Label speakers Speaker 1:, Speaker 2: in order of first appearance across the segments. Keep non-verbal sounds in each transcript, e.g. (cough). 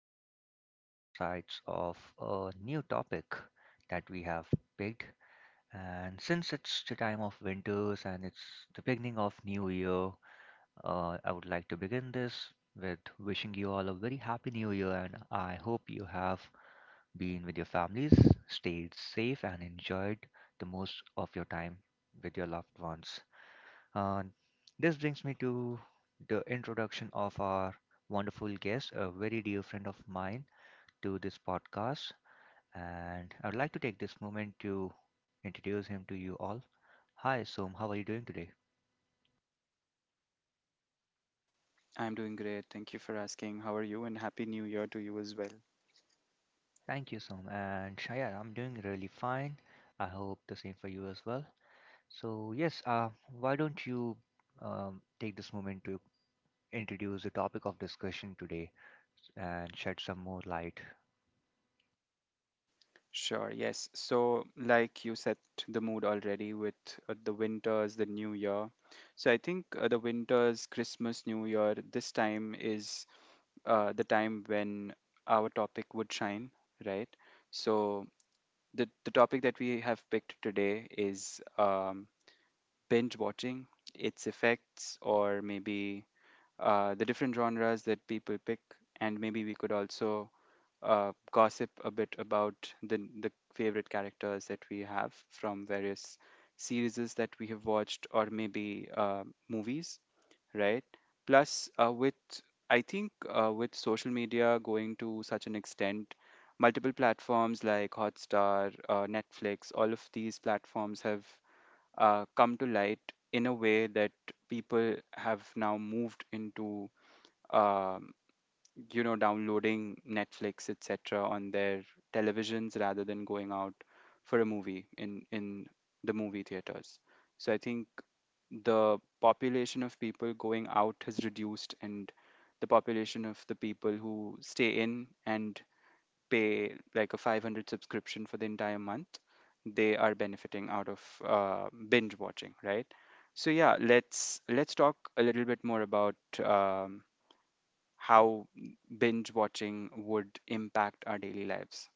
Speaker 1: explore different sides of a new topic that we have picked. And since it's the time of winters and it's the beginning of new year, I would like to begin this with wishing you all a very happy new year and I hope you have been with your families, stayed safe and enjoyed the most of your time with your loved ones. Uh, this brings me to the introduction of our wonderful guest, a very dear friend of mine, to this podcast. And I would like to take this moment to introduce him to you all. Hi, Som. How are you doing today?
Speaker 2: I'm doing great. Thank you for asking. How are you? And Happy New Year to you as well.
Speaker 1: Thank you, Som. And Shaya, I'm doing really fine. I hope the same for you as well. So, yes, why don't you take this moment to introduce the topic of discussion today and shed some more light.
Speaker 2: Sure, yes. So, like you set the mood already with the winters, the new year. So, I think the winters, Christmas, New Year, this time is the time when our topic would shine, right? So, the topic that we have picked today is binge watching, its effects, or maybe the different genres that people pick. And maybe we could also gossip a bit about the favorite characters that we have from various series that we have watched or maybe movies, right? Plus, with I think with social media going to such an extent, multiple platforms like Hotstar, Netflix, all of these platforms have come to light in a way that people have now moved into. um you know, downloading Netflix, etc., on their televisions rather than going out for a movie in the movie theaters. So I think the population of people going out has reduced, and the population of the people who stay in and pay like a 500 subscription for the entire month, they are benefiting out of binge watching, right? So yeah, let's talk a little bit more about um, how binge watching would impact our daily lives.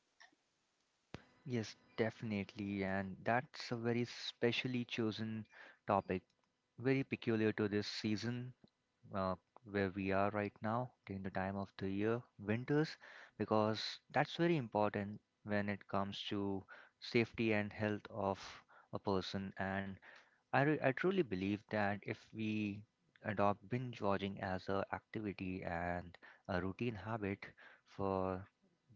Speaker 1: Yes, definitely. And that's a very specially chosen topic, very peculiar to this season, uh, where we are right now during the time of the year, winters, because that's very important when it comes to safety and health of a person. And I truly believe that if we adopt binge watching as a activity and a routine habit for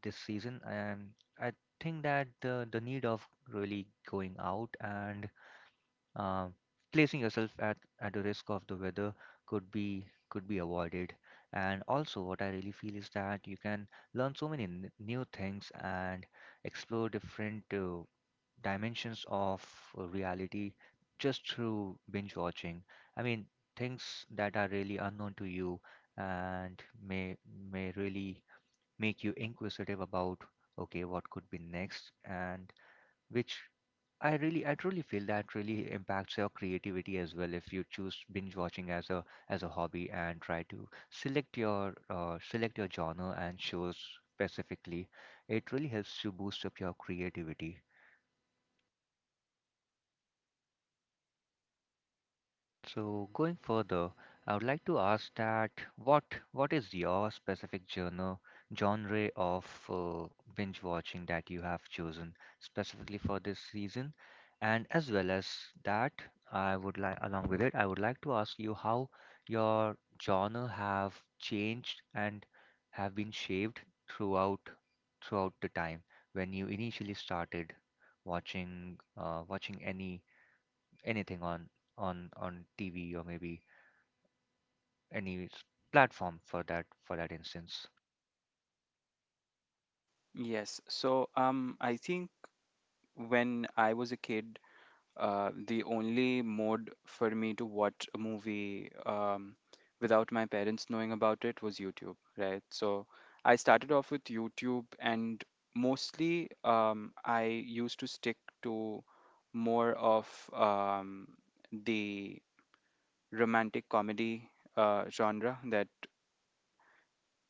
Speaker 1: this season, I think that the need of really going out and uh, placing yourself at the risk of the weather could be avoided. And also, what I really feel is that you can learn so many new things and explore different dimensions of reality just through binge watching. I mean, things that are really unknown to you and may may really make you inquisitive about okay, what could be next and which I truly feel that really impacts your creativity as well. If you choose binge watching as a hobby and try to select your select your genre and shows specifically, it really helps to boost up your creativity. So going further, I would like to ask that what what is your specific genre of uh, binge watching that you have chosen specifically for this season, and as well as that, I would like along with it, I would like to ask you how your genre have changed and have been shaped throughout throughout the time when you initially started watching anything on on TV or maybe any s- platform for that instance.
Speaker 2: Yes, so I think when I was a kid, the only mode for me to watch a movie without my parents knowing about it was YouTube, right? So I started off with YouTube, and mostly I used to stick to more of the romantic comedy genre that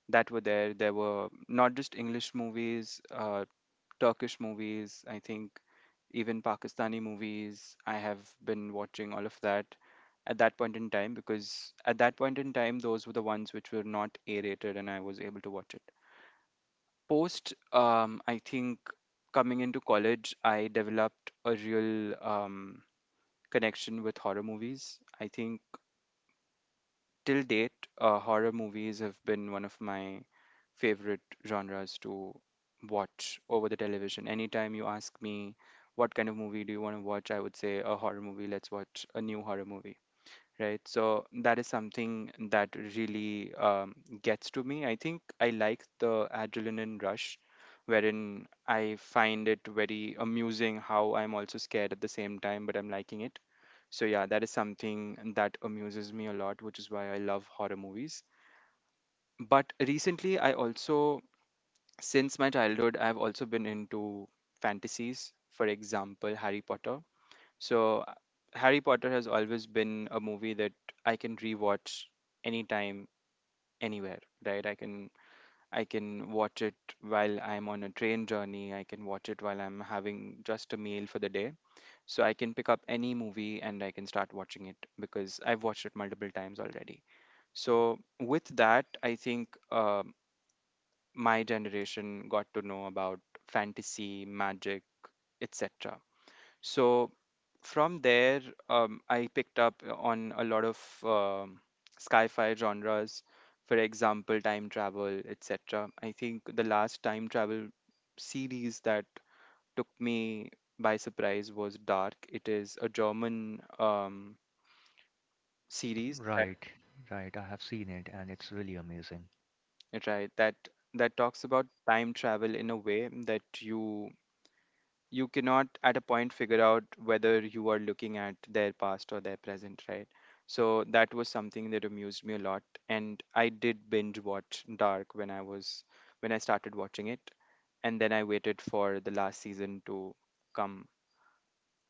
Speaker 2: were there. There were not just English movies, Turkish movies, I think even Pakistani movies. I have been watching all of that at that point in time because at that point in time, those were the ones which were not A rated and I was able to watch it. Post, I think coming into college, I developed a real connection with horror movies. I think till date, horror movies have been one of my favorite genres to watch over the television. Anytime you ask me what kind of movie do you want to watch, I would say a horror movie. Let's watch a new horror movie, right? So that is something that really gets to me. I think I like the adrenaline rush, wherein I find it very amusing how I'm also scared at the same time, but I'm liking it. So yeah, that is something that amuses me a lot, which is why I love horror movies. But recently, I also, since my childhood, I've also been into fantasies. For example, Harry Potter. So, Harry Potter has always been a movie that I can rewatch anytime, anywhere, right? I can watch it while I'm on a train journey. I can watch it while I'm having just a meal for the day. So I can pick up any movie and I can start watching it because I've watched it multiple times already. So with that, I think my generation got to know about fantasy, magic, etc. So from there, I picked up on a lot of sci-fi genres, for example, time travel, etc. I think the last time travel series that took me by surprise was Dark. It is a German series that
Speaker 1: Right, right. I have seen it and it's really amazing.
Speaker 2: right that that talks about time travel in a way that you cannot at a point figure out whether you are looking at their past or their present, right? So that was something that amused me a lot, and I did binge watch Dark when I was when I started watching it, and then I waited for the last season to come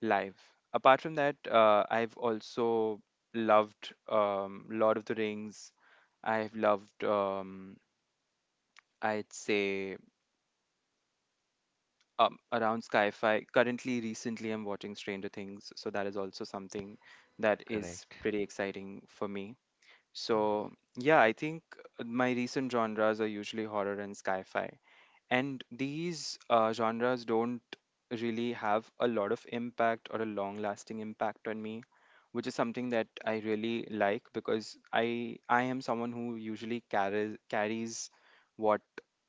Speaker 2: live. Apart from that, I've also loved Lord of the Rings. I've loved I'd say around sci-fi. Currently, recently, I'm watching Stranger Things, so that is also something that is
Speaker 1: Correct.
Speaker 2: pretty exciting for me. So yeah, I think my recent genres are usually horror and sci-fi. And these genres don't really have a lot of impact or a long lasting impact on me, which is something that I really like because I am someone who usually carries what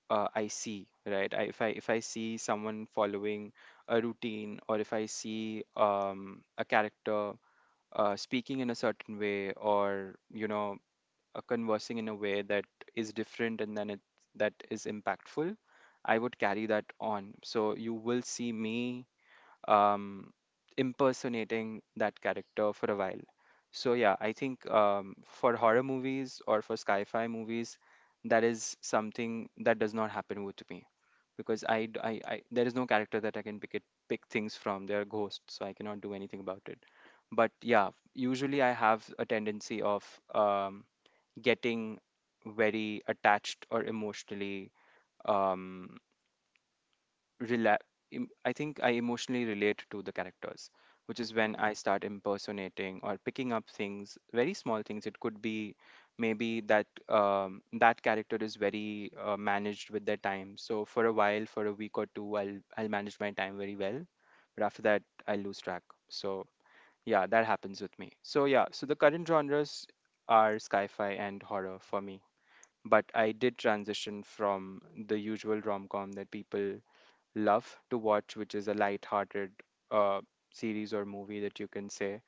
Speaker 2: I see, right? I, if I see someone following a routine, or if I see a character speaking in a certain way, or you know conversing in a way that is different, and then it that is impactful, I would carry that on, so you will see me um, impersonating that character for a while. So yeah, I think for horror movies or for sci-fi movies, that is something that does not happen with me because I, d- I- there is no character that I can pick things from. They are ghosts, so I cannot do anything about it. But yeah, usually I have a tendency of um, getting very attached or emotionally um, rela- I think I emotionally relate to the characters, which is when I start impersonating or picking up things, very small things. It could be maybe that that character is very managed with their time. So for a while, for a week or two, I'll manage my time very well, but after that, I lose track. So yeah, that happens with me. So yeah, so the current genres are sci-fi and horror for me. But I did transition from the usual rom-com that people love to watch, which is a light-hearted uh, series or movie that you can say.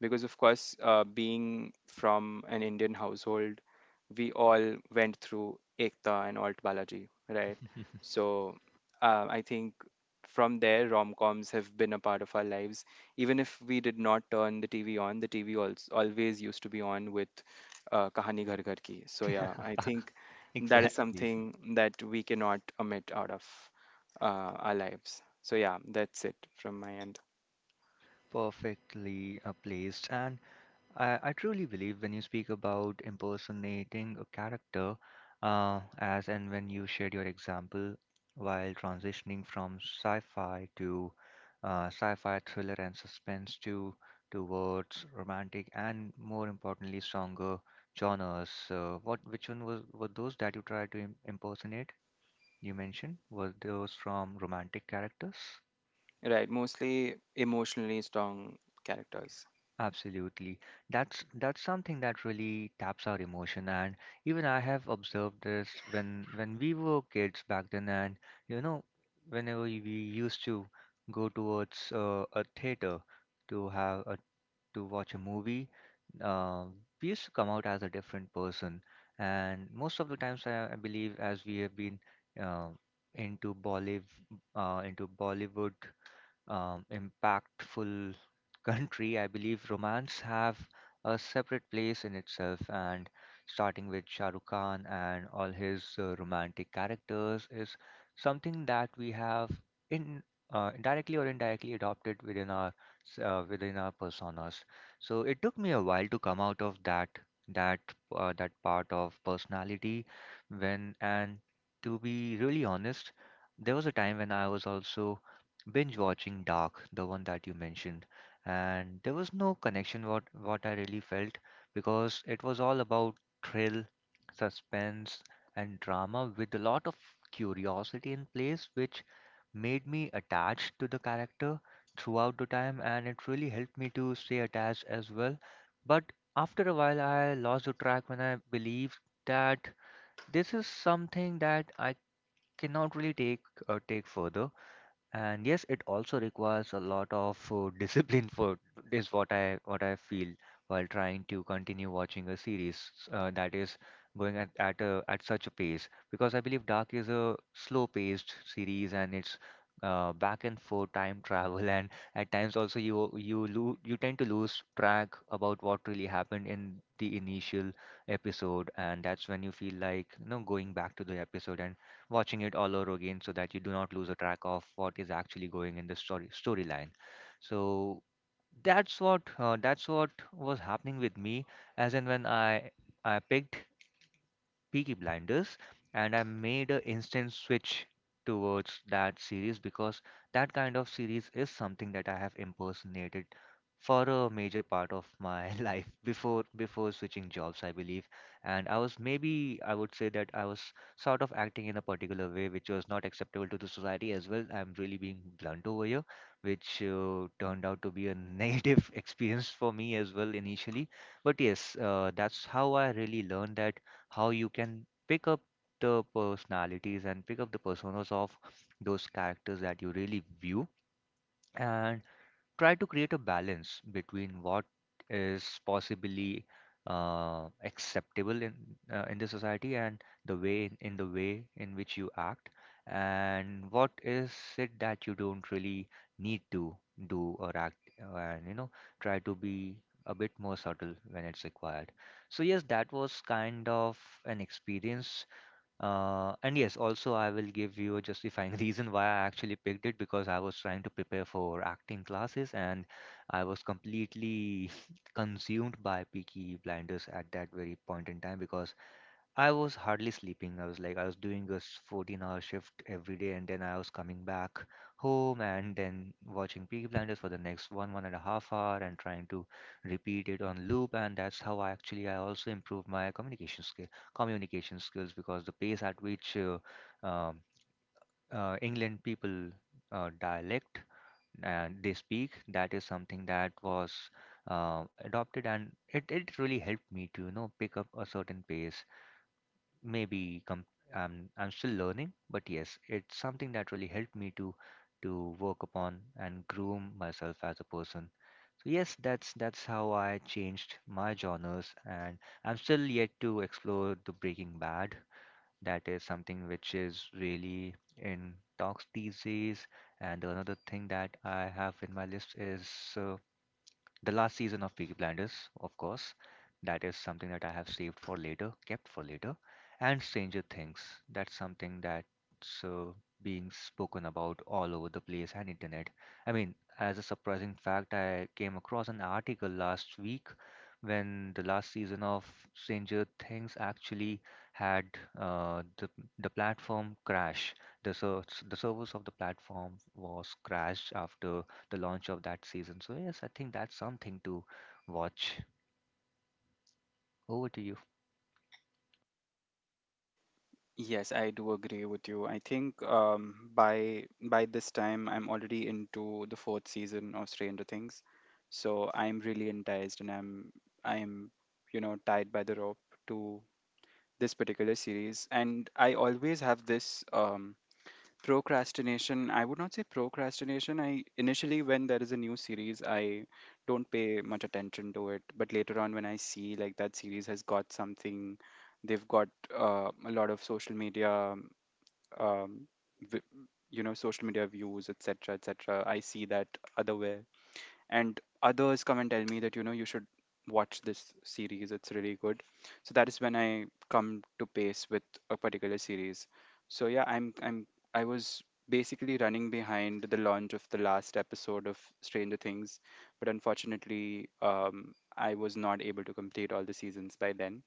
Speaker 2: Because of course, being from an Indian household, we all went through Ekta and Alt Balaji, right?
Speaker 1: (laughs)
Speaker 2: So I think from there, rom-coms have been a part of our lives. Even if we did not turn the TV on, the TV also always used to be on with Kahani Ghar Ghar Ki. So yeah, I think
Speaker 1: (laughs)
Speaker 2: that is
Speaker 1: Exactly.
Speaker 2: something that we cannot omit out of uh, our lives. So yeah, that's it from my end.
Speaker 1: Perfectly placed. And I truly believe when you speak about impersonating a character, as and when you shared your example while transitioning from sci-fi to sci-fi thriller and suspense to towards romantic and more importantly stronger genres. What Which one was were those that you tried to im impersonate? You mentioned were those from romantic characters?
Speaker 2: Right, mostly emotionally strong characters.
Speaker 1: Absolutely. That's something that really taps our emotion and even I have observed this when we were kids back then and you know whenever we used to go towards a theater to to watch a movie, uh, we used to come out as a different person, and most of the times I believe as we have been uh, into Bollywood into Bollywood, impactful country, I believe romance have a separate place in itself. And starting with Shah Rukh Khan and all his romantic characters is something that we have in indirectly or indirectly adopted within our within our personas. So it took me a while to come out of that that that part of personality when and to be really honest, there was a time when I was also binge watching Dark, the one that you mentioned, and there was no connection what I really felt, because it was all about thrill, suspense, and drama with a lot of curiosity in place, which made me attached to the character throughout the time, and it really helped me to stay attached as well. But after a while, I lost the track when I believed that this is something that I cannot really take take further. And yes, it also requires a lot of (laughs) discipline, for is what I feel while trying to continue watching a series that is going at such a pace, because I believe Dark is a slow-paced series and it's back and forth time (laughs) travel, and at times also you lo you tend to lose track about what really happened in the initial episode, and that's when you feel like you know going back to the episode and watching it all over again so that you do not lose a track of what is actually going in the storyline. So that's what was happening with me as in when I picked Peaky Blinders, and I made an instant switch towards that series because that kind of series is something that I have impersonated for a major part of my (laughs) life before switching jobs, I believe. And I was maybe I would say that I was sort of acting in a particular way which was not acceptable to the society as well. I'm really being blunt over here, which turned out to be a (laughs) negative experience for me as well initially. But yes, that's how I really learned that how you can pick up the personalities and pick up the personas of those characters that you really view and try to create a balance between what is possibly acceptable in the society and the way in which you act and what is it that you don't really need to do or act, and you know try to be a bit more subtle when it's required. So yes, that was kind of an experience, and yes, also I will give you a justifying (laughs) reason why I actually picked it, because I was trying to prepare for acting classes, and I was completely (laughs) consumed by Peaky Blinders at that very point in time because I was hardly sleeping. I was like, I was doing 14-hour shift every day, and then I was coming back home and then watching Peaky Blinders for the next one and a half hour and trying to repeat it on loop. And that's how I also improved my communication skills, because the pace at which um, England people dialect and they speak, that is something that was adopted, and it really helped me to, you know, pick up a certain pace, maybe com- I'm still learning, but yes, it's something that really helped me to work upon and groom myself as a person. So yes, that's how I changed my genres, and I'm still yet to explore the Breaking Bad. That is something which is really in talks these days. And another thing that I have in my list is uh, the last season of Peaky Blinders, of course. That is something that I have saved for later, kept for later. And Stranger Things. That's something that's being spoken about all over the place and internet. I mean, as a surprising fact, I came across an article last week when the last season of Stranger Things actually had uh, the the platform crash. The servers of the platform was crashed after the launch of that season. So yes, I think that's something to watch. Over to you.
Speaker 2: Yes, I do agree with you. I think by this time, I'm already into the fourth season of Stranger Things, so I'm really enticed, and I'm you know tied by the rope to this particular series. And I always have this procrastination. I would not say procrastination. I initially, when there is a new series, I don't pay much attention to it, but later on when I see like that series has got something, they've got a lot of social media um, vi- you know, social media views, etc., etc. I see that other way, and others come and tell me that you know you should watch this series, it's really good. So that is when I come to pace with a particular series. So yeah, I was basically running behind the launch of the last episode of Stranger Things. But unfortunately, I was not able to complete all the seasons by then,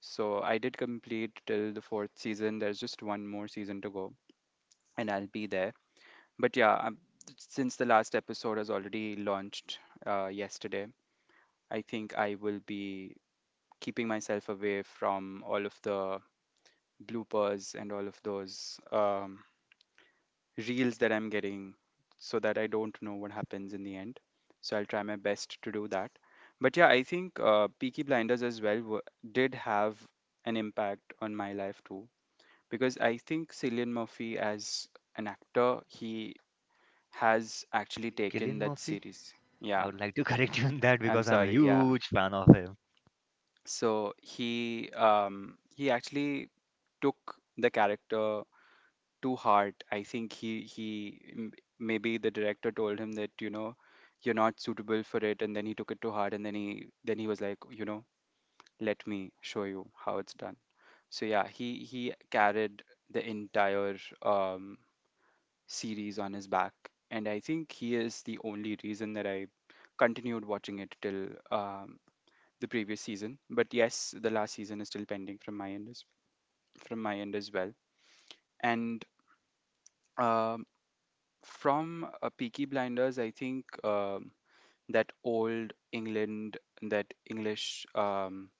Speaker 2: so I did complete till the fourth season. There's just one more season to go, and I'll be there. But yeah, since the last episode has already launched yesterday, I think I will be keeping myself away from all of the bloopers and all of those reels that I'm getting so that I don't know what happens in the end. So I'll try my best to do that. But yeah, I think Peaky Blinders as well did have an impact on my life too. Because I think Cillian Murphy as an actor, he has actually
Speaker 1: Killian
Speaker 2: taken that
Speaker 1: Murphy.
Speaker 2: series.
Speaker 1: I
Speaker 2: Yeah,
Speaker 1: would like to (laughs) correct you on that
Speaker 2: I'm
Speaker 1: because I'm a
Speaker 2: sorry. Yeah.
Speaker 1: huge fan of him.
Speaker 2: So he actually took the character to heart. I think maybe the director told him that you know you're not suitable for it, and then he took it to heart, and then he was like, you know, let me show you how it's done. So yeah, he carried the entire um series on his back, and I think he is the only reason that I continued watching it till the previous season. But yes, the last season is still pending from my end as well. And um, from Peaky Blinders, I think that old England, that English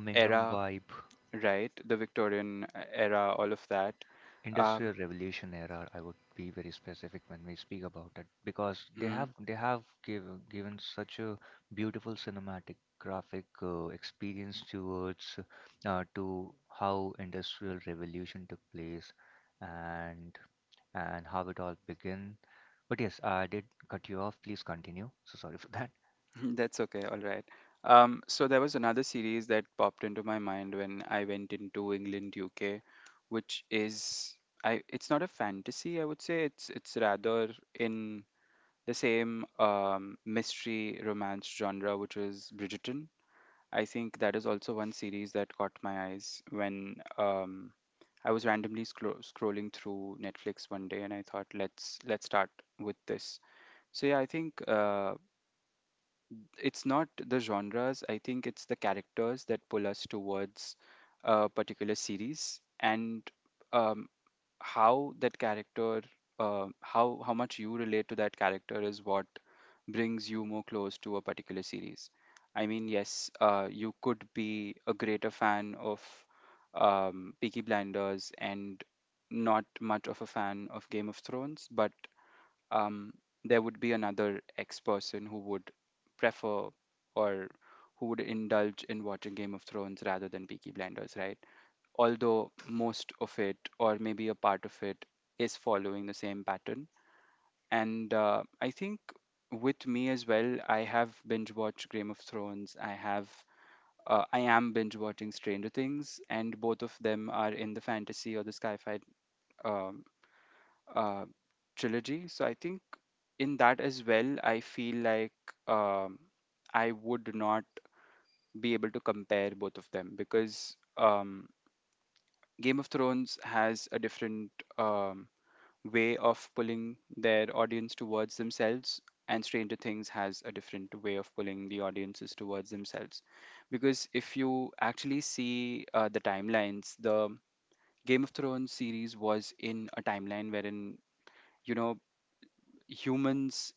Speaker 1: Yeah. Birmingham
Speaker 2: era,
Speaker 1: vibe.
Speaker 2: right? The Victorian era, all of that. Um,
Speaker 1: Industrial revolution era, I would be very specific when we speak about it, because
Speaker 2: hmm.
Speaker 1: they have give, given such a beautiful cinematic graphic experience towards to how industrial revolution took place and how it all began. But yes, I did cut you off, please continue, so sorry for that.
Speaker 2: (laughs) That's okay. All right. So there was another series that popped into my mind when I went into England, UK, which is I it's not a fantasy, I would say. It's rather in the same mystery romance genre, which is Bridgerton. I think that is also one series that caught my eyes when I was randomly scrolling through Netflix one day, and I thought, let's start with this. So yeah, I think it's not the genres. I think it's the characters that pull us towards a particular series and um, how that character, how much you relate to that character is what brings you more close to a particular series. I mean, yes, you could be a greater fan of Peaky Blinders and not much of a fan of Game of Thrones, but um, there would be another X person who would prefer or who would indulge in watching Game of Thrones rather than Peaky Blinders, right? Although most of it, or maybe a part of it, is following the same pattern. And I think with me as well, I have binge watched Game of Thrones. I have. I am binge watching Stranger Things, and both of them are in the fantasy or the sci-fi uh, uh, trilogy. So I think in that as well, I feel like um, I would not be able to compare both of them because Game of Thrones has a different um, way of pulling their audience towards themselves, and Stranger Things has a different way of pulling the audiences towards themselves. Because if you actually see the timelines, the Game of Thrones series was in a timeline wherein, you know, humans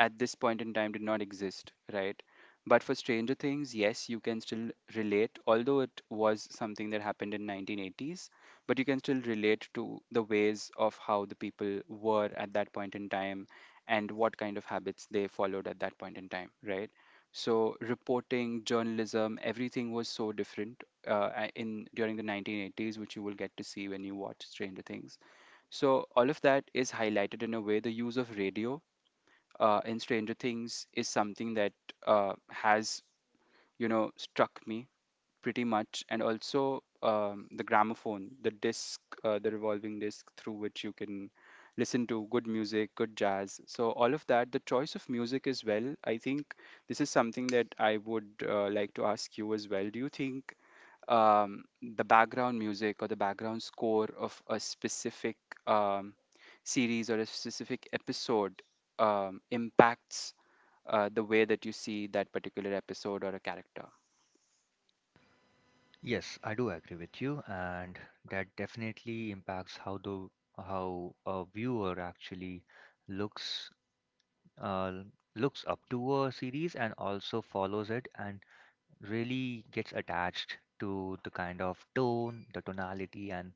Speaker 2: at this point in time did not exist, right? But for Stranger Things, yes, you can still relate, although it was something that happened in 1980s, but you can still relate to the ways of how the people were at that point in time and what kind of habits they followed at that point in time, right? So reporting, journalism, everything was so different in during the 1980s, which you will get to see when you watch Stranger Things. So all of that is highlighted in a way. The use of radio in Stranger Things is something that has, you know, struck me pretty much. And also the gramophone, the disc, the revolving disc through which you can listen to good music, good jazz. So, all of that, the choice of music as well. I think this is something that I would like to ask you as well. Do you think the background music or the background score of a specific um, series or a specific episode impacts the way that you see that particular episode or a character.
Speaker 1: Yes, I do agree with you, and that definitely impacts how a viewer actually looks uh, looks up to a series and also follows it and really gets attached to the kind of tone, the tonality, and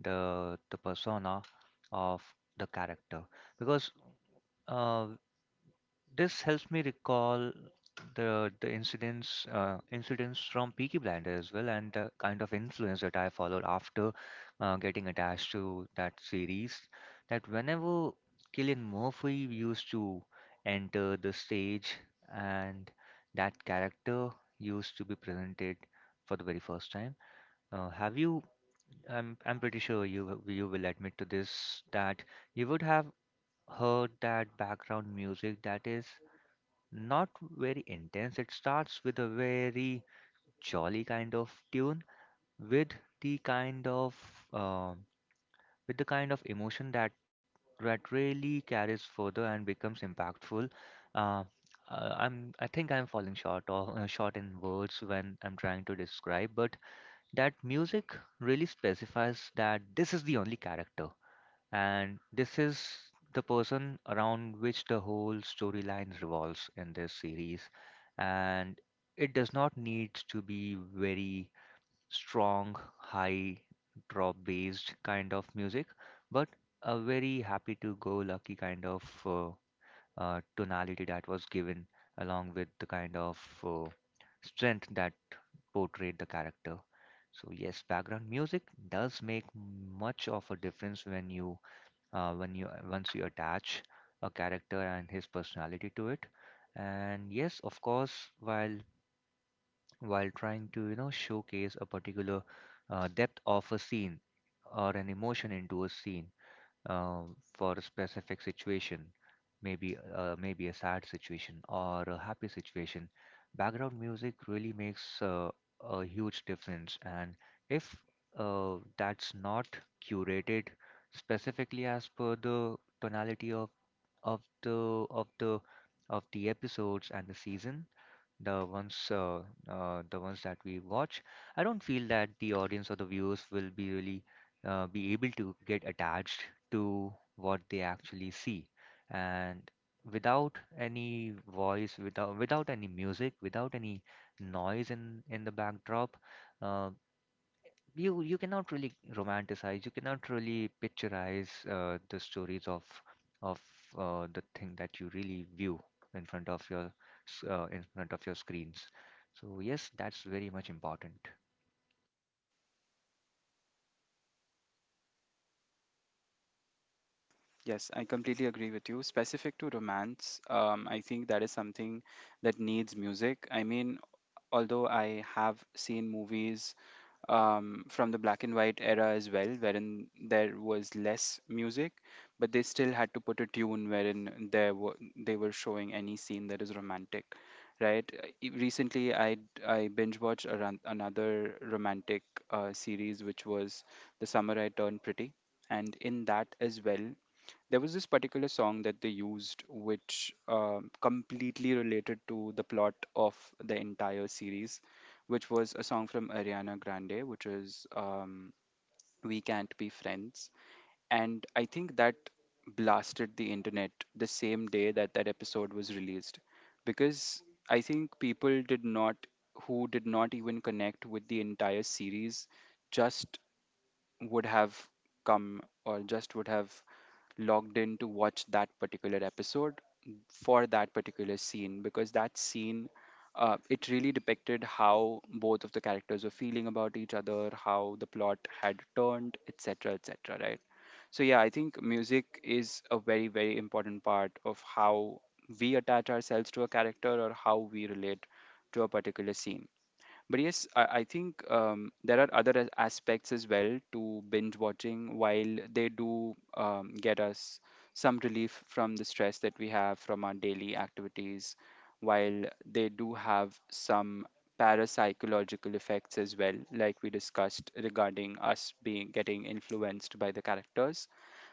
Speaker 1: the persona of the character. Because uh, this helps me recall the incidents from Peaky Blinders as well, and the kind of influence that I followed after getting attached to that series. That whenever Killian Murphy used to enter the stage, and that character used to be presented for the very first time. Have you? I'm pretty sure you will admit to this that you would have heard that background music that is. Not very intense. It starts with a very jolly kind of tune, with the kind of uh, with the kind of emotion that really carries further and becomes impactful. Uh, I think I'm falling short or short in words when I'm trying to describe, but that music really specifies that this is the only character. And this is the person around which the whole storyline revolves in this series. And it does not need to be very strong, high drop based kind of music, but a very happy to go lucky kind of tonality that was given along with the kind of uh, strength that portrayed the character. So yes, background music does make much of a difference when you once you attach a character and his personality to it. And yes, of course, while trying to showcase a particular depth of a scene or an emotion into a scene, for a specific situation, maybe maybe a sad situation or a happy situation. Background music really makes a huge difference, and if that's not curated specifically as per the tonality of of the of the the episodes and the season, the ones uh, the ones that we watch. I don't feel that the audience or the viewers will be really be able to get attached to what they actually see and without any voice, without any music, without any noise in the backdrop. Uh, you you cannot really romanticize, you cannot really picturize the stories of of the thing that you really view in front of your in front of your screens. So yes, that's very much important.
Speaker 2: Yes, I completely agree with you. Specific to romance, I think that is something that needs music. I mean, although I have seen movies from the black and white era as well, wherein there was less music, but they still had to put a tune wherein there were they were showing any scene that is romantic, right? Recently, I binge watched another romantic series which was The Summer I Turned Pretty, and in that as well, there was this particular song that they used which completely related to the plot of the entire series, which was a song from Ariana Grande, which is We Can't Be Friends. And I think that blasted the internet the same day that that episode was released, because I think people did not, who did not even connect with the entire series, just would have come, or just would have logged in to watch that particular episode for that particular scene, because that scene, it really depicted how both of the characters were feeling about each other, how the plot had turned, etc., etc., right? So yeah, I think music is a very, very important part of how we attach ourselves to a character or how we relate to a particular scene. But yes, I think there are other aspects as well to binge watching. While they do get us some relief from the stress that we have from our daily activities, while they do have some parapsychological effects as well, like we discussed regarding us being getting influenced by the characters.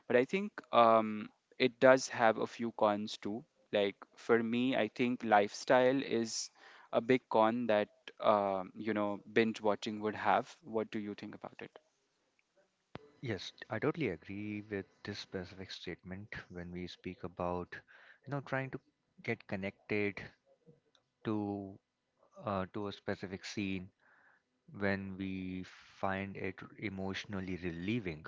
Speaker 2: But I think it does have a few cons too. Like for me, I think lifestyle is a big con that, you know, binge watching would have. What do you think about it?
Speaker 1: Yes, I totally agree with this specific statement. When we speak about trying to get connected to to a specific scene, when we find it emotionally relieving,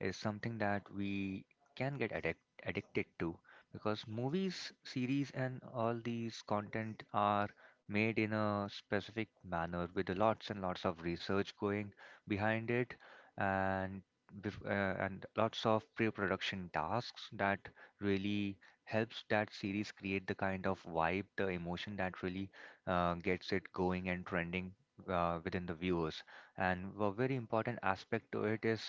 Speaker 1: is something that we can get addic addicted to, because movies, series, and all these content are made in a specific manner with lots and lots of research going behind it, and and lots of pre-production tasks that really helps that series create the kind of vibe, the emotion that really gets it going and trending within the viewers. And a very important aspect to it is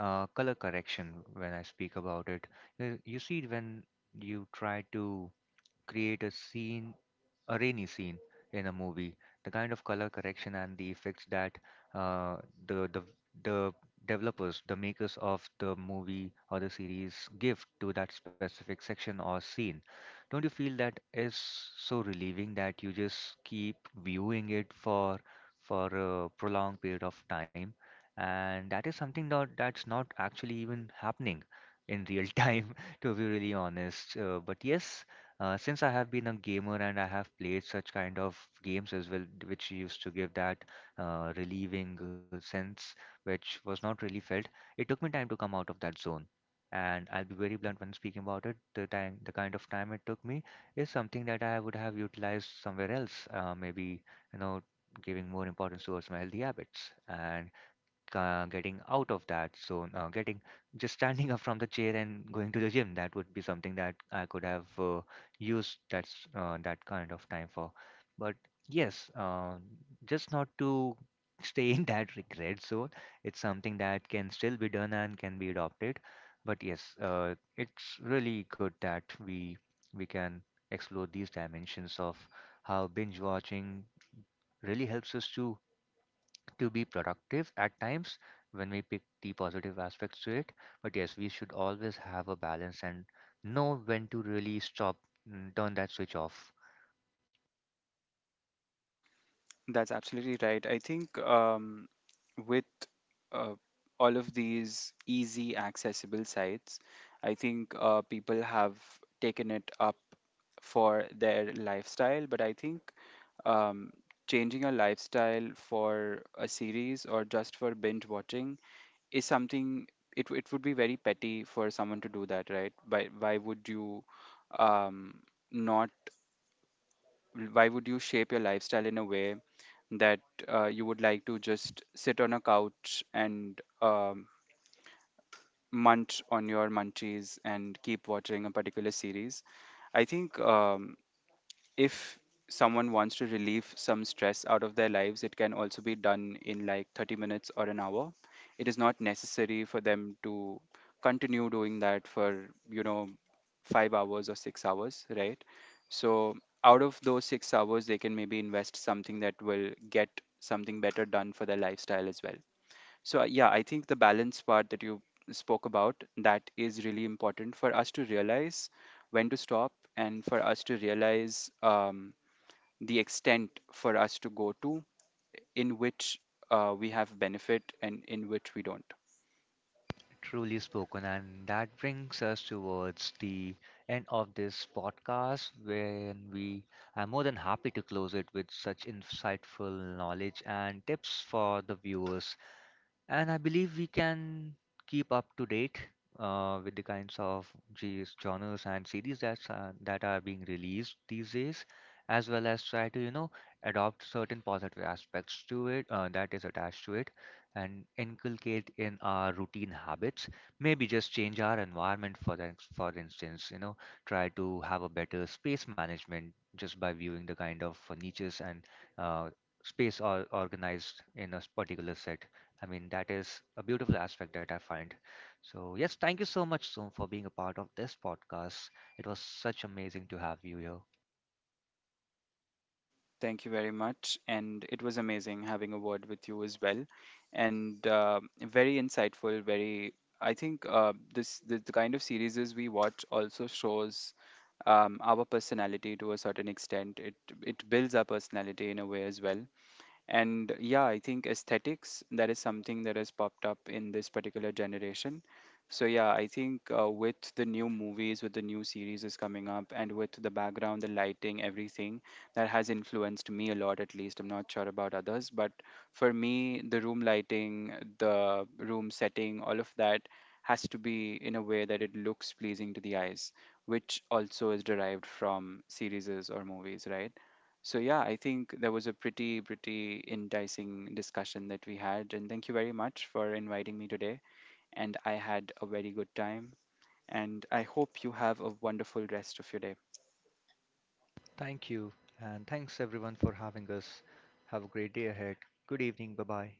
Speaker 1: color correction, when I speak about it. You see, when you try to create a rainy scene in a movie, the kind of color correction and the effects that uh, the the the developers, the makers of the movie or the series give to that specific section or scene. Don't you feel that is so relieving that you just keep viewing it for a prolonged period of time? And that is something that that's not actually even happening in real (laughs) time, to be really honest. But yes, since I have been a gamer and I have played such kind of games as well, which used to give that relieving sense, which was not really felt, it took me time to come out of that zone. And I'll be very blunt when speaking about it. The time, the kind of time it took me is something that I would have utilized somewhere else. Maybe, you know, giving more importance towards my healthy habits. And getting out of that zone, getting just standing (laughs) up from the chair and going to the gym. That would be something that I could have used that kind of time for. But yes, just not to (laughs) stay in that regret zone. It's something that can still be done and can be adopted. But yes, it's really good that we can explore these dimensions of how binge watching really helps us to be productive at times when we pick the positive aspects to it. But yes, we should always have a balance and know when to really stop, turn that switch off.
Speaker 2: That's absolutely right. I think with uh, all of these easy accessible sites, I think people have taken it up for their lifestyle. But I think um, changing a lifestyle for a series or just for binge watching is something, it would be very petty for someone to do that, right? Why would you um, not why would you shape your lifestyle in a way that you would like to just sit on a couch and munch on your munchies and keep watching a particular series? I think if someone wants to relieve some stress out of their lives, it can also be done in like 30 minutes or an hour. It is not necessary for them to continue doing that for, you know, 5 hours or 6 hours, right? So, out of those 6 hours, they can maybe invest something that will get something better done for their lifestyle as well. So, yeah, I think the balance part that you spoke about, that is really important for us to realize when to stop and for us to realize the extent for us to go to in which we have benefit and in which we don't.
Speaker 1: Truly spoken, and that brings us towards the end of this podcast, when we are more than happy to close it with such insightful knowledge and tips for the viewers. And I believe we can keep up to date with the kinds of G's genres and series that are being released these days, as well as try to, you know, adopt certain positive aspects to it that is attached to it, and inculcate in our routine habits. Maybe just change our environment for the, for instance, you know, try to have a better space management, just by viewing the kind of niches and uh, space or organized in a particular set. I mean, that is a beautiful aspect that I find. So yes, thank you so much, Soom, for being a part of this podcast. It was such amazing to have you here.
Speaker 2: Thank you very much. And it was amazing having a word with you as well. And very insightful, very, I think this the kind of series we watch also shows our personality to a certain extent. It builds our personality in a way as well. And yeah, I think aesthetics, that is something that has popped up in this particular generation. So yeah, I think with the new movies, with the new series is coming up, and with the background, the lighting, everything, that has influenced me a lot, at least. I'm not sure about others, but for me, the room lighting, the room setting, all of that has to be in a way that it looks pleasing to the eyes, which also is derived from series or movies, right? So yeah, I think that was a pretty, pretty enticing discussion that we had. And thank you very much for inviting me today. And I had a very good time. And I hope you have a wonderful rest of your day.
Speaker 1: Thank you, and thanks everyone for having us. Have a great day ahead. Good evening. Bye bye.